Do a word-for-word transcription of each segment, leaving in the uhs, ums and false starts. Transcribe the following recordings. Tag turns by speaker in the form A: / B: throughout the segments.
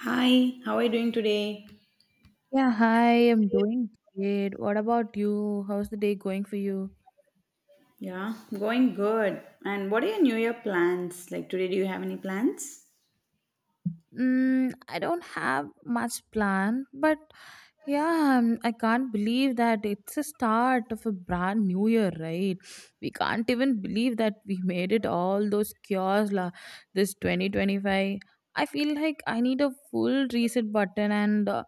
A: Hi, how are you doing today?
B: Yeah, hi, I'm doing great. What about you? How's the day going for you?
A: Yeah, going good. And what are your New Year plans? Like today, do you have any plans?
B: Mm, I don't have much plan, but yeah, um, I can't believe that it's a start of a brand new year, right? We can't even believe that we made it all those cures la this twenty twenty-five. I feel like I need a full reset button, and uh,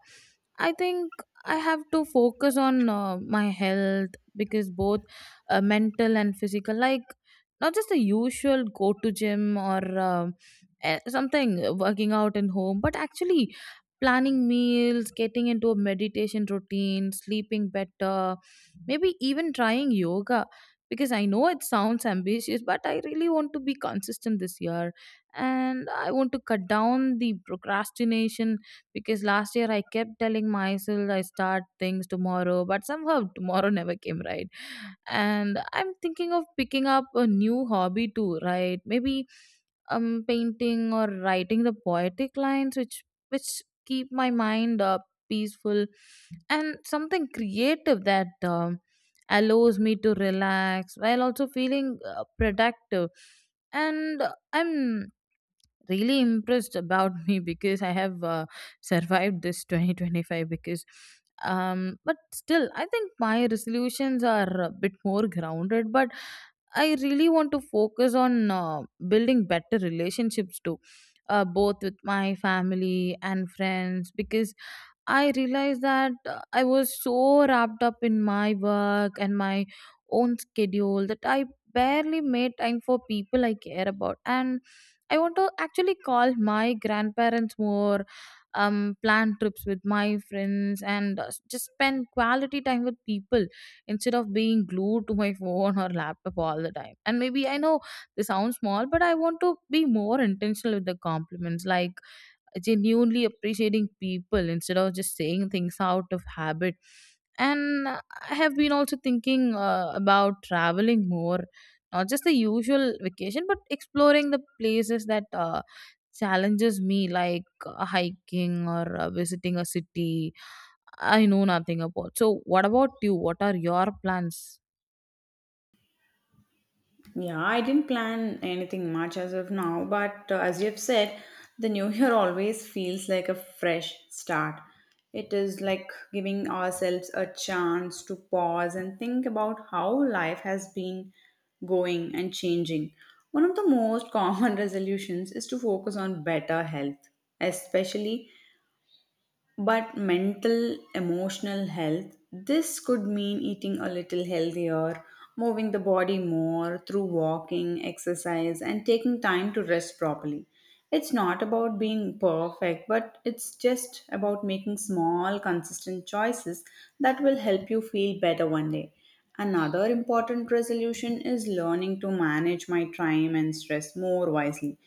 B: I think I have to focus on uh, my health because both uh, mental and physical, like not just the usual go to gym or. um eh, something uh, working out in home but actually planning meals, getting into a meditation routine, sleeping better, maybe even trying yoga, because I know it sounds ambitious but I really want to be consistent this year. And I want to cut down the procrastination, because last year I kept telling myself I start things tomorrow but somehow tomorrow never came, right? And I'm thinking of picking up a new hobby too, right? Maybe um, painting or writing the poetic lines which which keep my mind uh, peaceful, and something creative that um, allows me to relax while also feeling uh, productive. And uh, I'm really impressed about me because I have uh, survived this twenty twenty-five because um but still I think my resolutions are a bit more grounded, but I really want to focus on uh, building better relationships too, uh, both with my family and friends, because I realized that uh, I was so wrapped up in my work and my own schedule that I barely made time for people I care about. And I want to actually call my grandparents more, um, plan trips with my friends, and uh, just spend quality time with people instead of being glued to my phone or laptop all the time. And maybe, I know this sounds small, but I want to be more intentional with the compliments, like genuinely appreciating people instead of just saying things out of habit. And I have been also thinking uh, about traveling more, not just the usual vacation but exploring the places that uh, challenges me, like uh, hiking or uh, visiting a city I know nothing about. So what about you, what are your plans?
A: Yeah, I didn't plan anything much as of now, but uh, as you've said, the new year always feels like a fresh start. It is like giving ourselves a chance to pause and think about how life has been going and changing. One of the most common resolutions is to focus on better health, especially but mental, emotional health. This could mean eating a little healthier, moving the body more through walking, exercise, and taking time to rest properly. It's not about being perfect, but it's just about making small, consistent choices that will help you feel better one day. Another important resolution is learning to manage my time and stress more wisely.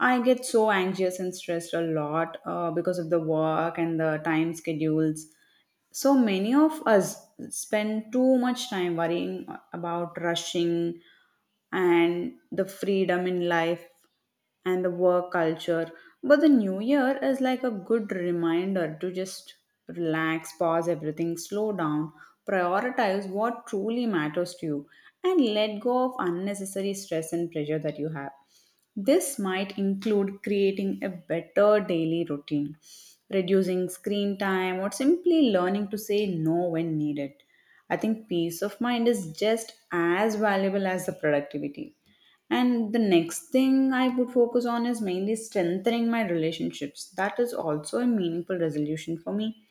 A: I get so anxious and stressed a lot uh, because of the work and the time schedules. So many of us spend too much time worrying about rushing and the freedom in life and the work culture. But the new year is like a good reminder to just relax, pause everything, slow down, prioritize what truly matters to you, and let go of unnecessary stress and pressure that you have. This might include creating a better daily routine, reducing screen time, or simply learning to say no when needed. I think peace of mind is just as valuable as the productivity. And the next thing I would focus on is mainly strengthening my relationships. That is also a meaningful resolution for me.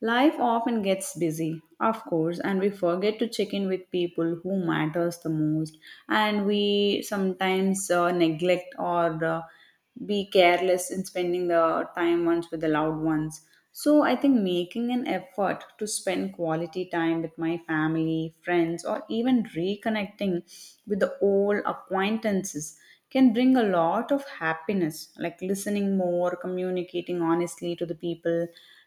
A: Life often gets busy, of course, and we forget to check in with people who matters the most, and we sometimes uh, neglect or uh, be careless in spending the time ones with the loved ones. So I think making an effort to spend quality time with my family, friends, or even reconnecting with the old acquaintances can bring a lot of happiness, like listening more, communicating honestly to the people,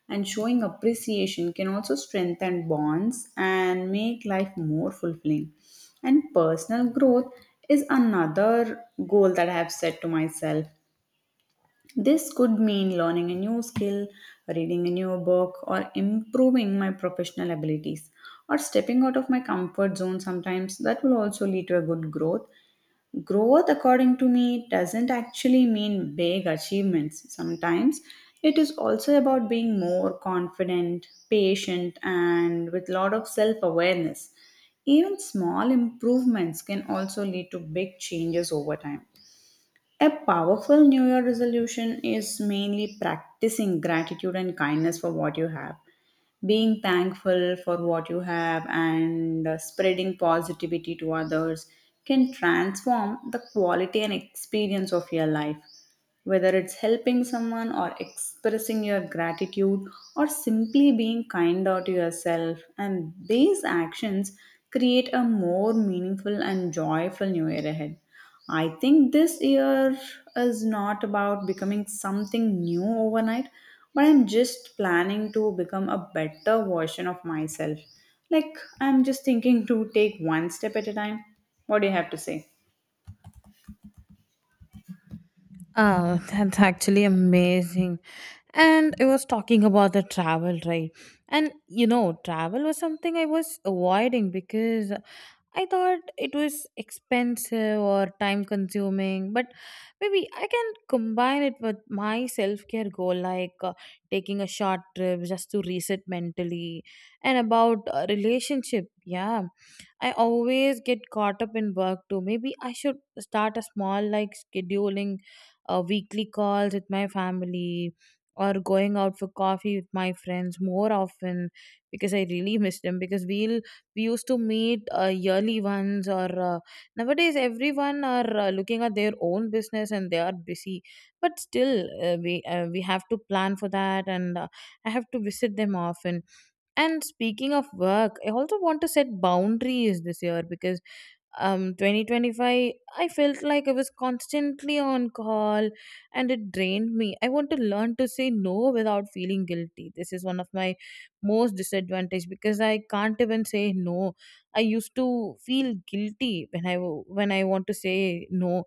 A: and showing appreciation can also strengthen bonds and make life more fulfilling. And personal growth is another goal that I have set to myself. This could mean learning a new skill, reading a new book, or improving my professional abilities, or stepping out of my comfort zone sometimes. That will also lead to a good growth. Growth, according to me, doesn't actually mean big achievements. Sometimes it is also about being more confident, patient, and with lot of self awareness. Even small improvements can also lead to big changes over time. A powerful New Year resolution is mainly practicing gratitude and kindness for what you have, being thankful for what you have, and uh, spreading positivity to others can transform the quality and experience of your life, whether it's helping someone or expressing your gratitude or simply being kind out to yourself, and these actions create a more meaningful and joyful new year ahead. I think this year is not about becoming something new overnight, but I'm just planning to become a better version of myself. Like, I'm just thinking to take one step at a time. What do you have to say?
B: Oh, that's actually amazing. And I was talking about the travel, right? And you know, travel was something I was avoiding because I thought it was expensive or time consuming, but maybe I can combine it with my self care goal, like uh, taking a short trip just to reset mentally. And about uh, relationship, yeah, I always get caught up in work too. Maybe I should start a small, like scheduling uh, weekly calls with my family or going out for coffee with my friends more often, because I really miss them. Because we'll we used to meet uh, yearly ones, or uh, nowadays everyone are uh, looking at their own business and they are busy, but still uh, we uh, we have to plan for that. And uh, I have to visit them often. And speaking of work, I also want to set boundaries this year because um twenty twenty-five I felt like I was constantly on call, and it drained me. I want to learn to say no without feeling guilty. This is one of my most disadvantage because I can't even say no. I used to feel guilty when I wa- when I want to say no.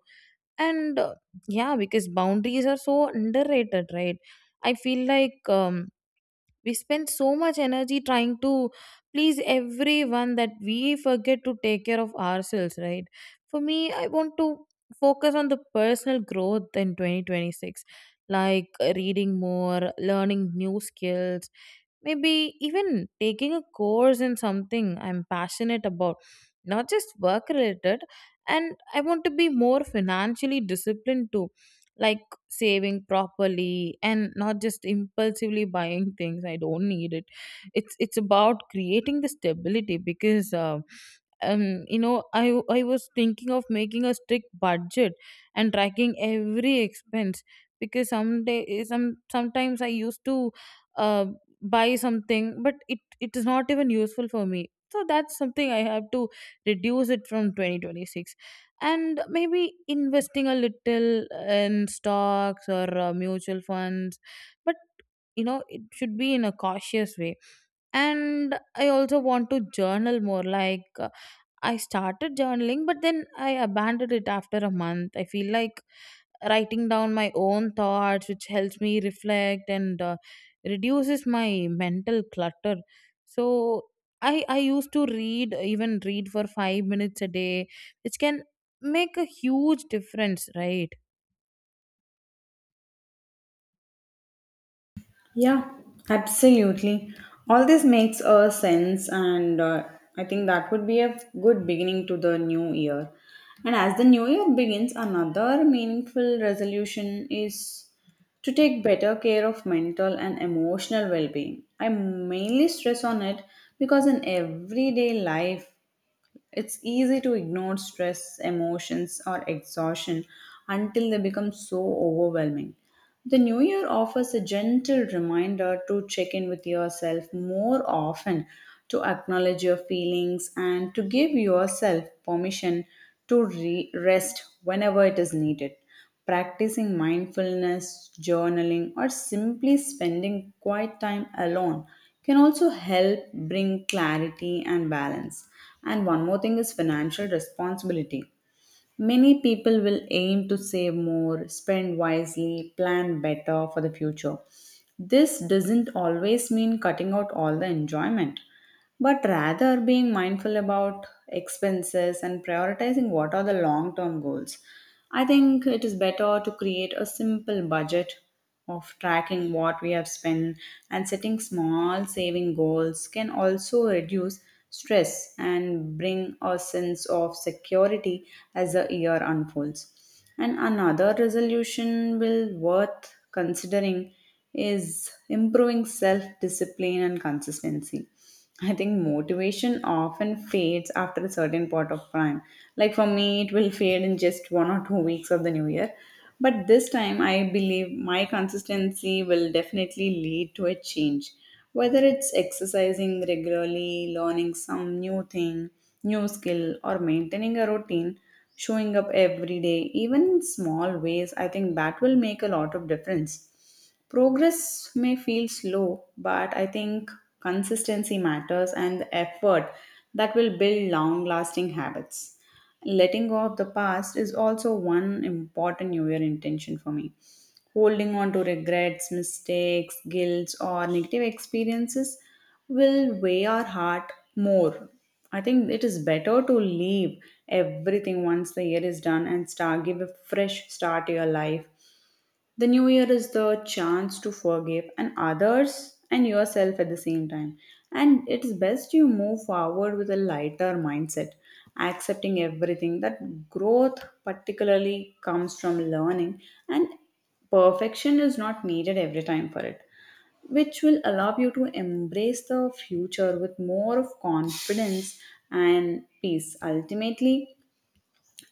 B: And uh, yeah, because boundaries are so underrated, right? I feel like um we spend so much energy trying to please everyone that we forget to take care of ourselves, right? For me, I want to focus on the personal growth in twenty twenty-six, like reading more, learning new skills, maybe even taking a course in something I'm passionate about, not just work related. And I want to be more financially disciplined too. Like saving properly and not just impulsively buying things I don't need it. It's it's about creating the stability, because uh, um you know, i i was thinking of making a strict budget and tracking every expense, because someday some sometimes I used to uh, buy something but it it is not even useful for me, so that's something I have to reduce it from twenty twenty-six. And maybe investing a little in stocks or uh, mutual funds, but you know, it should be in a cautious way. And I also want to journal more, like uh, I started journaling, but then I abandoned it after a month. I feel like writing down my own thoughts, which helps me reflect and uh, reduces my mental clutter. So I I used to read even read for five minutes a day, which can make a huge difference, right?
A: Yeah, absolutely. All this makes a sense, and uh, I think that would be a good beginning to the new year. And as the new year begins, another meaningful resolution is to take better care of mental and emotional well being. I mainly stress on it because in everyday life, it's easy to ignore stress, emotions, or exhaustion until they become so overwhelming. The new year offers a gentle reminder to check in with yourself more often, to acknowledge your feelings, and to give yourself permission to re- rest whenever it is needed. Practicing mindfulness, journaling, or simply spending quiet time alone can also help bring clarity and balance. And one more thing is financial responsibility. Many people will aim to save more, spend wisely, plan better for the future. This doesn't always mean cutting out all the enjoyment, but rather being mindful about expenses and prioritizing what are the long term goals. I think it is better to create a simple budget of tracking what we have spent, and setting small saving goals can also reduce stress and bring a sense of security as the year unfolds. And another resolution will worth considering is improving self discipline and consistency. I think motivation often fades after a certain point of time. Like for me, it will fade in just one or two weeks of the new year. But this time, I believe my consistency will definitely lead to a change. Whether it's exercising regularly, learning some new thing, new skill, or maintaining a routine, showing up every day, even in small ways, I think that will make a lot of difference. Progress may feel slow, but I think consistency matters and the effort that will build long lasting habits. Letting go of the past is also one important New Year intention for me. Holding on to regrets, mistakes, guilt, or negative experiences will weigh our heart more. I think it is better to leave everything once the year is done and start give a fresh start to your life. The new year is the chance to forgive and others and yourself at the same time. And it's best you move forward with a lighter mindset, accepting everything that growth particularly comes from learning, and perfection is not needed every time for it, which will allow you to embrace the future with more of confidence and peace. Ultimately,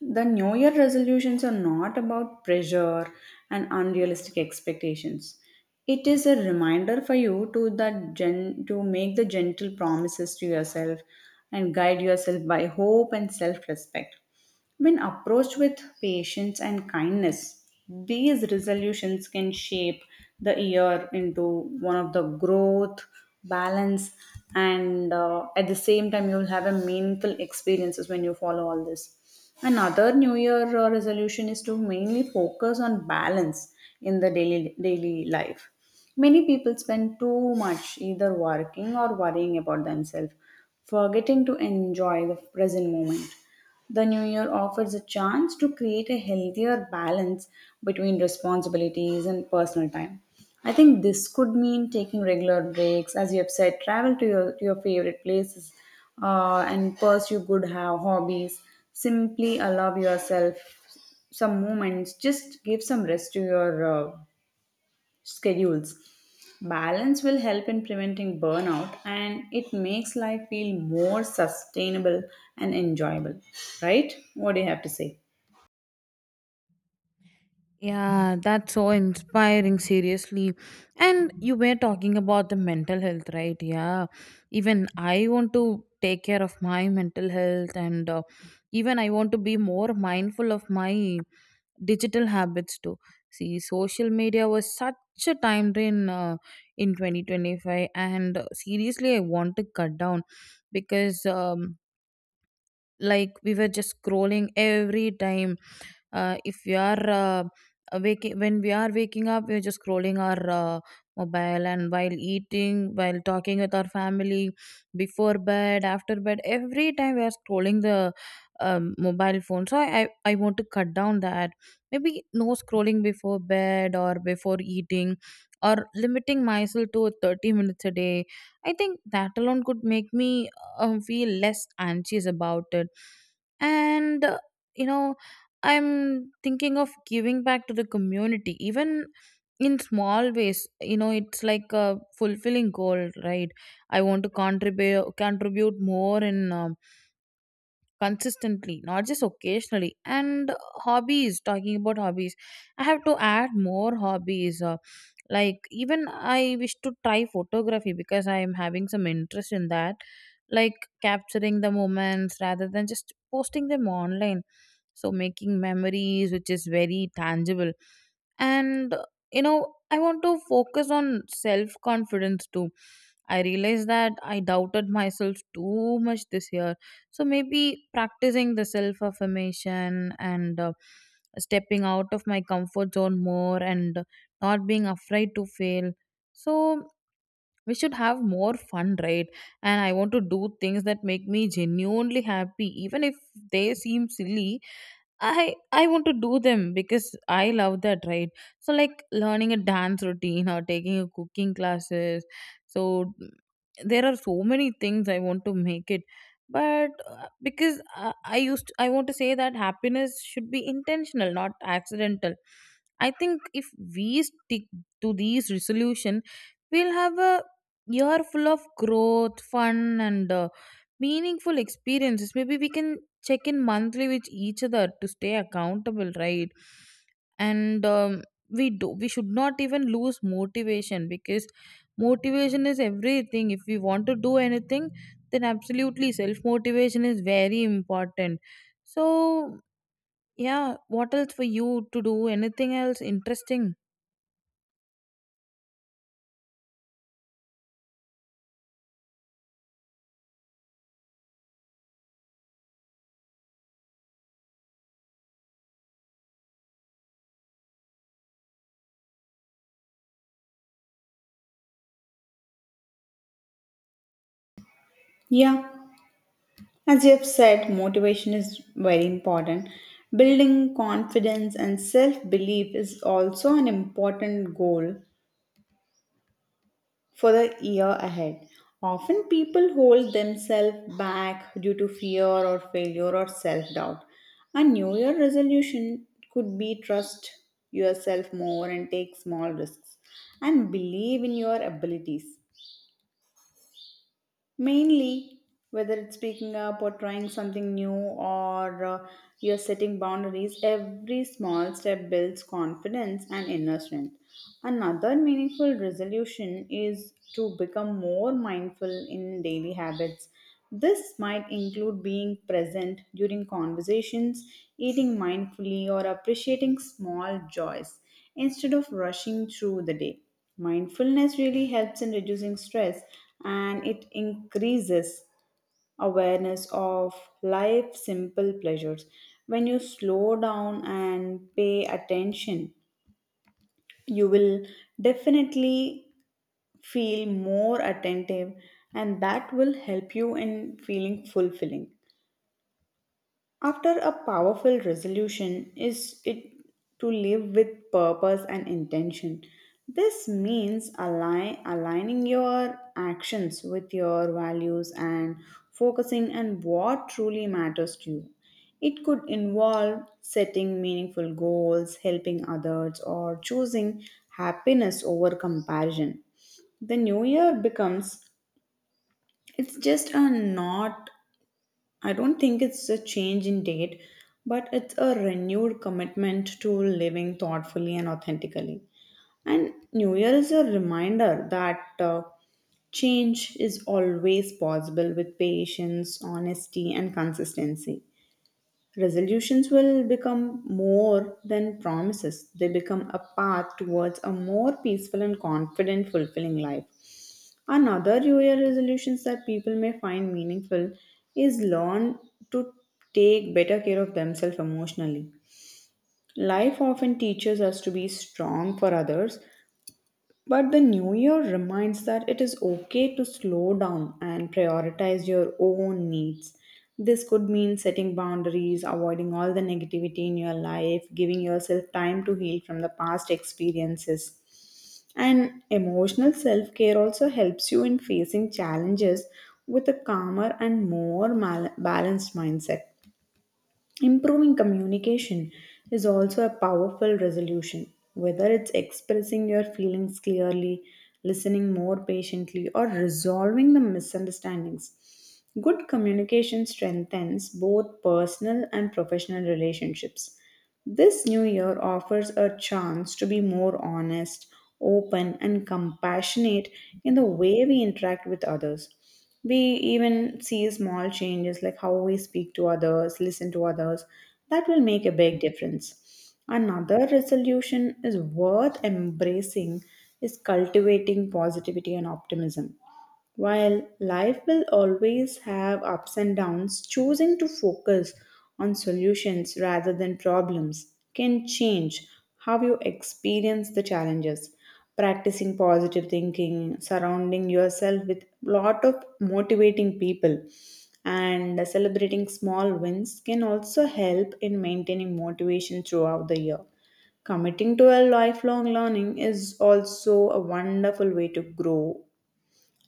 A: the New Year resolutions are not about pressure and unrealistic expectations. It is a reminder for you to the gen- to make the gentle promises to yourself and guide yourself by hope and self-respect. When approached with patience and kindness, these resolutions can shape the year into one of the growth, balance, and uh, at the same time, you'll have a meaningful experiences when you follow all this. Another New Year uh, resolution is to mainly focus on balance in the daily daily life. Many people spend too much either working or worrying about themselves, forgetting to enjoy the present moment. The new year offers a chance to create a healthier balance between responsibilities and personal time. I think this could mean taking regular breaks, as you have said, travel to your, to your favorite places, uh, and pursue good ho- hobbies. Simply allow yourself some moments, just give some rest to your uh, schedules. Balance will help in preventing burnout and it makes life feel more sustainable and enjoyable, right? What do you have to say?
B: Yeah, that's so inspiring, seriously. And you were talking about the mental health, right? Yeah, even I want to take care of my mental health, and uh, even I want to be more mindful of my digital habits too. See, social media was such a time drain uh, in twenty twenty-five, and uh, seriously, I want to cut down because. Um, like we were just scrolling every time, uh, if we are uh, waking when we are waking up, we're just scrolling our uh, mobile, and while eating, while talking with our family, before bed, after bed, every time we are scrolling the um, mobile phone. So I, I i want to cut down that, maybe no scrolling before bed or before eating, or limiting myself to thirty minutes a day. I think that alone could make me um, feel less anxious about it. And uh, you know, I'm thinking of giving back to the community, even in small ways. You know, it's like a fulfilling goal, right? I want to contribute contribute more in um, consistently, not just occasionally. And hobbies, talking about hobbies, I have to add more hobbies, uh, like even I wish to try photography, because I am having some interest in that, like capturing the moments rather than just posting them online, so making memories which is very tangible. And you know, I want to focus on self confidence too. I realized that I doubted myself too much this year, so maybe practicing the self affirmation and uh, stepping out of my comfort zone more, and not being afraid to fail. So we should have more fun, right? And I want to do things that make me genuinely happy, even if they seem silly. I I want to do them because I love that, right? So like learning a dance routine or taking a cooking classes. So mm, there are so many things I want to make it, but uh, because I, I used I want to say that happiness should be intentional, not accidental. I think if we stick to these resolution, we'll have a year full of growth, fun, and uh, meaningful experiences. Maybe we can check in monthly with each other to stay accountable, right? And um, we do we should not even lose motivation, because motivation is everything. If we want to do anything, then absolutely self motivation is very important. So yeah, what else for you, to do anything else interesting?
A: Yeah, as you have said, motivation is very important. Building confidence and self belief is also an important goal for the year ahead. Often people hold themselves back due to fear or failure or self doubt. A New Year resolution could be trust yourself more and take small risks and believe in your abilities, mainly whether it's speaking up or trying something new or uh, you're setting boundaries. Every small step builds confidence and inner strength. Another meaningful resolution is to become more mindful in daily habits. This might include being present during conversations, eating mindfully, or appreciating small joys instead of rushing through the day. Mindfulness really helps in reducing stress and it increases awareness of life simple pleasures. When you slow down and pay attention, you will definitely feel more attentive and that will help you in feeling fulfilling. After a powerful resolution is it to live with purpose and intention. This means align, aligning your actions with your values and focusing on what truly matters to you. It could involve setting meaningful goals, helping others, or choosing happiness over comparison. The new year becomes it's just a not, I don't think it's a change in date, but it's a renewed commitment to living thoughtfully and authentically. And New Year is a reminder that uh, change is always possible with patience, honesty, and consistency. Resolutions will become more than promises, they become a path towards a more peaceful and confident, fulfilling life. Another New Year resolutions that people may find meaningful is learn to take better care of themselves emotionally. Life often teaches us to be strong for others, but the New Year reminds that it is okay to slow down and prioritize your own needs. This could mean setting boundaries, avoiding all the negativity in your life, giving yourself time to heal from the past experiences. And emotional self care also helps you in facing challenges with a calmer and more mal- balanced mindset. Improving communication is also a powerful resolution, whether it's expressing your feelings clearly, listening more patiently, or resolving the misunderstandings. Good communication strengthens both personal and professional relationships. This new year offers a chance to be more honest, open, and compassionate in the way we interact with others. We even see small changes like how we speak to others, listen to others, that will make a big difference. Another resolution is worth embracing is cultivating positivity and optimism. While life will always have ups and downs, choosing to focus on solutions rather than problems can change how you experience the challenges. Practicing positive thinking, surrounding yourself with lot of motivating people, and celebrating small wins can also help in maintaining motivation throughout the year. Committing to a lifelong learning is also a wonderful way to grow.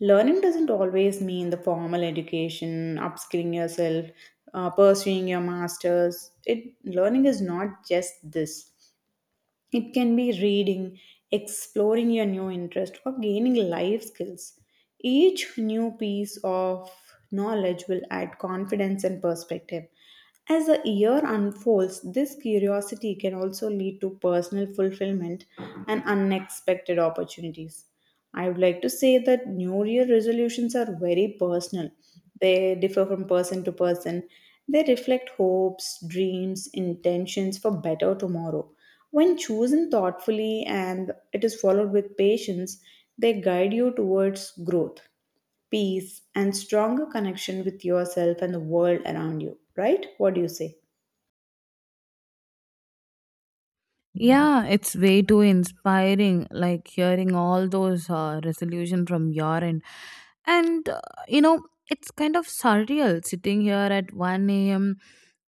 A: Learning doesn't always mean the formal education, upskilling yourself, uh, pursuing your masters. It learning is not just this. It can be reading, exploring your new interest, or gaining life skills. Each new piece of knowledge will add confidence and perspective. As the year unfolds, this curiosity can also lead to personal fulfillment and unexpected opportunities. I would like to say that New Year resolutions are very personal. They differ from person to person. They reflect hopes, dreams, intentions for better tomorrow. When chosen thoughtfully and it is followed with patience, they guide you towards growth, peace, and stronger connection with yourself and the world around you, right? What do you say?
B: Yeah, it's way too inspiring, like hearing all those uh, resolution from your end. And, uh, you know, it's kind of surreal sitting here at one a m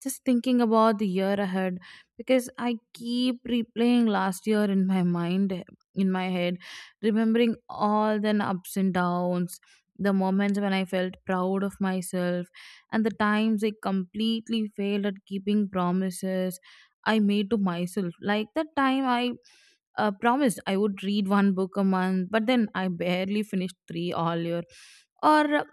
B: just thinking about the year ahead, because I keep replaying last year in my mind, in my head, remembering all the ups and downs, the moments when I felt proud of myself, and the times I completely failed at keeping promises I made to myself. Like that time, I uh, promised I would read one book a month, but then I barely finished three all year. Or uh,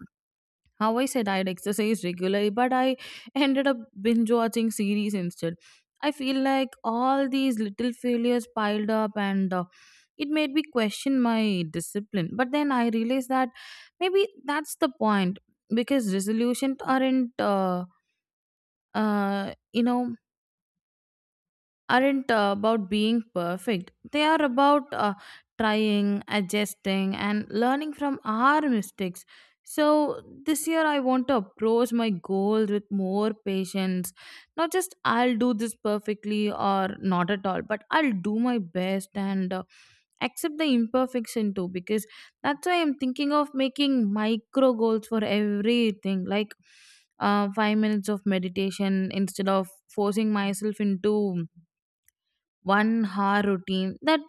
B: how I said I'd exercise regularly, but I ended up binge watching series instead. I feel like all these little failures piled up, and uh, it made me question my discipline. But then I realized that maybe that's the point, because resolutions aren't, uh, uh, you know, aren't uh, about being perfect. They are about uh, trying, adjusting, and learning from our mistakes. So this year I want to approach my goals with more patience. Not just I'll do this perfectly or not at all, but I'll do my best and uh, accept the imperfection too, because that's why I'm thinking of making micro goals for everything. Like, uh, five minutes of meditation instead of forcing myself into one hour routine that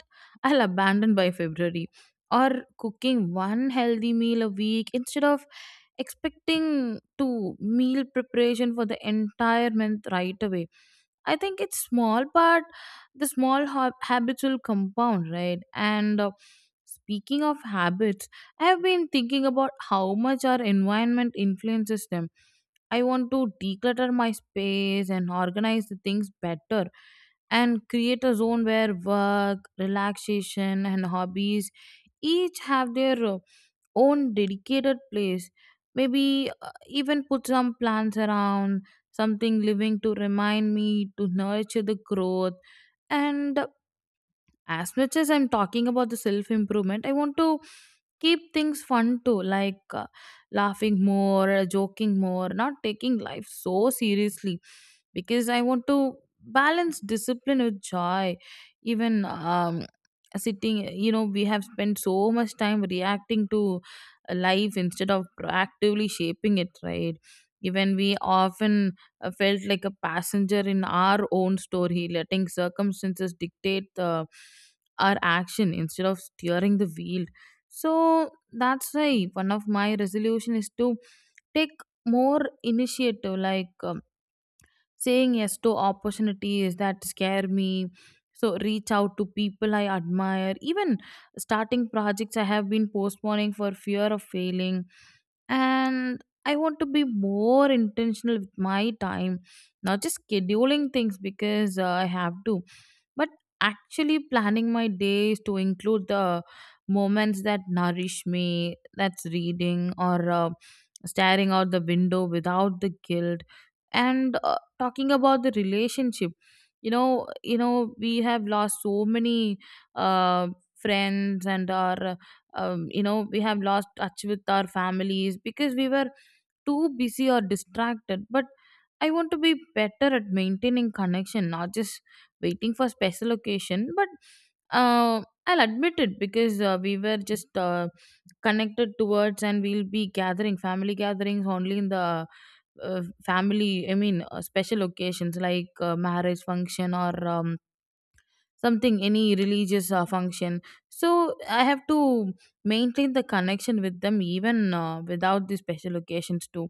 B: I'll abandon by February, or cooking one healthy meal a week instead of expecting to meal preparation for the entire month right away. I think it's small, but the small hab- habits will compound, right? And uh, speaking of habits, I have been thinking about how much our environment influences them. I want to declutter my space and organize the things better, and create a zone where work, relaxation, and hobbies each have their uh, own dedicated place. Maybe uh, even put some plants around, something living to remind me to nurture the growth. And as much as I'm talking about the self improvement, I want to keep things fun too, like uh, laughing more, uh, joking more, not taking life so seriously, because I want to balance discipline with joy. Even um sitting you know, we have spent so much time reacting to life instead of proactively shaping it, right? Even we often uh, felt like a passenger in our own story, letting circumstances dictate the, our action instead of steering the wheel. So that's why one of my resolution is to take more initiative, like um, saying yes to opportunities that scare me. So reach out to people I admire, even starting projects I have been postponing for fear of failing. And I want to be more intentional with my time, not just scheduling things because uh, I have to, but actually planning my days to include the moments that nourish me, that's reading or uh, staring out the window without the guilt. And uh, talking about the relationship, you know you know, we have lost so many uh, friends, and our um, you know, we have lost touch with our families because we were too busy or distracted. But I want to be better at maintaining connection, not just waiting for special occasion, but uh, I'll admit it, because uh, we were just uh, connected towards, and we'll be gathering family gatherings only in the uh, family I mean uh, special occasions, like uh, marriage function, or um, something, any religious uh, function. So I have to maintain the connection with them, even uh, without the special occasions too.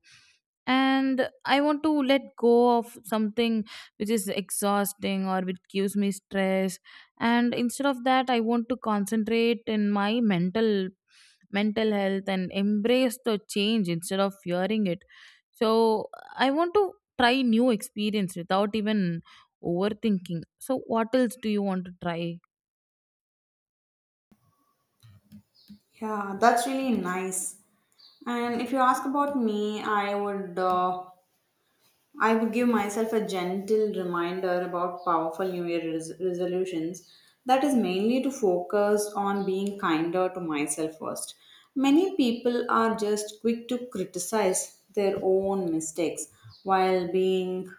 B: And I want to let go of something which is exhausting or which gives me stress, and instead of that I want to concentrate in my mental mental health and embrace the change instead of fearing it. So I want to try new experience without even overthinking. So what else do you want to try?
A: Yeah, that's really nice. And if you ask about me, I would uh, I would give myself a gentle reminder about powerful New Year res- resolutions. That is mainly to focus on being kinder to myself first. Many people are just quick to criticize their own mistakes while being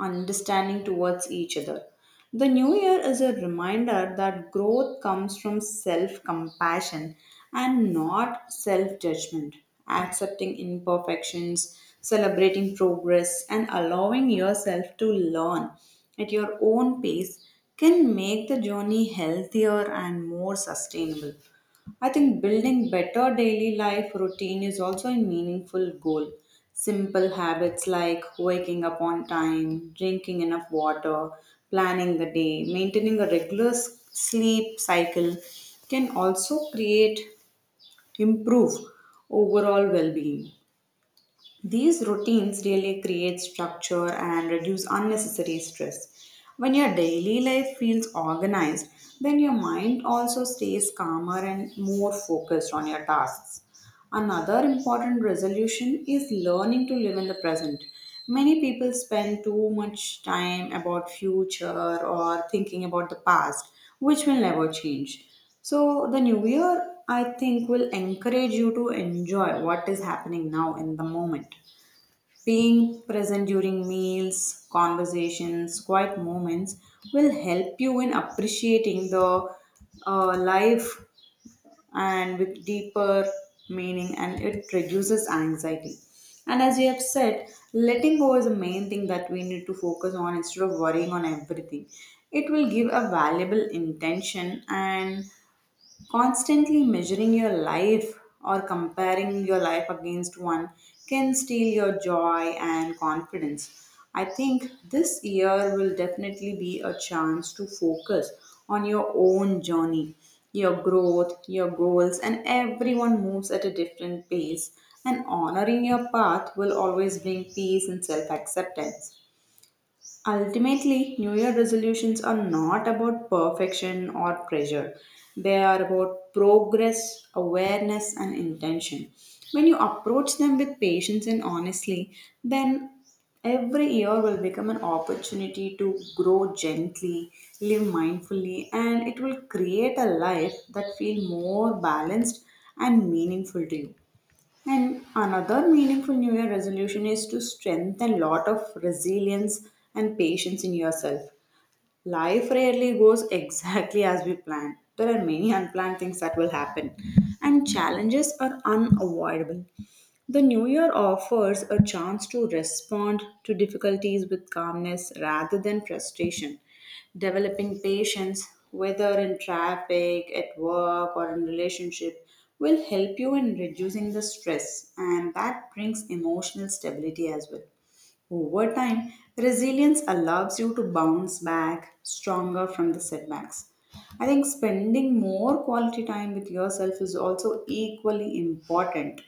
A: understanding towards each other. The new year is a reminder that growth comes from self compassion and not self judgment. Accepting imperfections, celebrating progress, and allowing yourself to learn at your own pace can make the journey healthier and more sustainable. I think building better daily life routine is also a meaningful goal. Simple habits like waking up on time, drinking enough water, planning the day, maintaining a regular s- sleep cycle can also create, improve overall well-being. These routines really create structure and reduce unnecessary stress. When your daily life feels organized, then your mind also stays calmer and more focused on your tasks. Another important resolution is learning to live in the present. Many people spend too much time about future or thinking about the past, which will never change. So the new year I think will encourage you to enjoy what is happening now in the moment. Being present during meals, conversations, quiet moments will help you in appreciating the uh, life and with deeper meaning, and it reduces anxiety. And as we have said, letting go is the main thing that we need to focus on instead of worrying on everything. It will give a valuable intention. And constantly measuring your life or comparing your life against one can steal your joy and confidence. I think this year will definitely be a chance to focus on your own journey, your growth, your goals, and everyone moves at a different pace. And honoring your path will always bring peace and self acceptance. Ultimately, New Year resolutions are not about perfection or pressure. They are about progress, awareness, and intention. When you approach them with patience and honestly, then every year will become an opportunity to grow gently, live mindfully, and it will create a life that feels more balanced and meaningful to you. And another meaningful New Year resolution is to strengthen lot of resilience and patience in yourself. Life rarely goes exactly as we plan. There are many unplanned things that will happen, and challenges are unavoidable. The new year offers a chance to respond to difficulties with calmness rather than frustration. Developing patience, whether in traffic, at work, or in relationship, will help you in reducing the stress and that brings emotional stability as well. Over time, resilience allows you to bounce back stronger from the setbacks. I think spending more quality time with yourself is also equally important.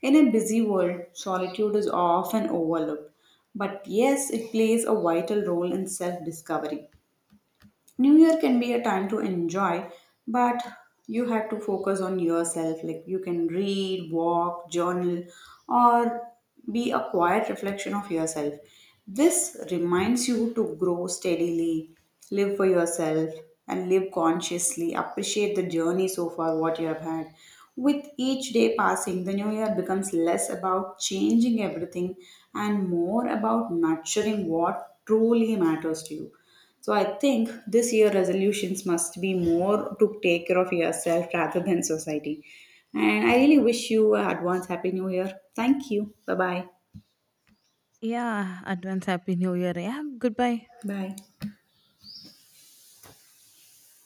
A: In a busy world, solitude is often overlooked, but yes, it plays a vital role in self discovery. New Year can be a time to enjoy, but you have to focus on yourself. Like you can read, walk, journal, or be a quiet reflection of yourself. This reminds you to grow steadily, live for yourself, and live consciously. Appreciate the journey so far, what you have had. With each day passing, the new year becomes less about changing everything and more about nurturing what truly matters to you. So I think this year resolutions must be more to take care of yourself rather than society. And I really wish you a advance happy new year. Thank you. Bye bye.
B: Yeah, advance happy new year. Yeah, goodbye.
A: Bye.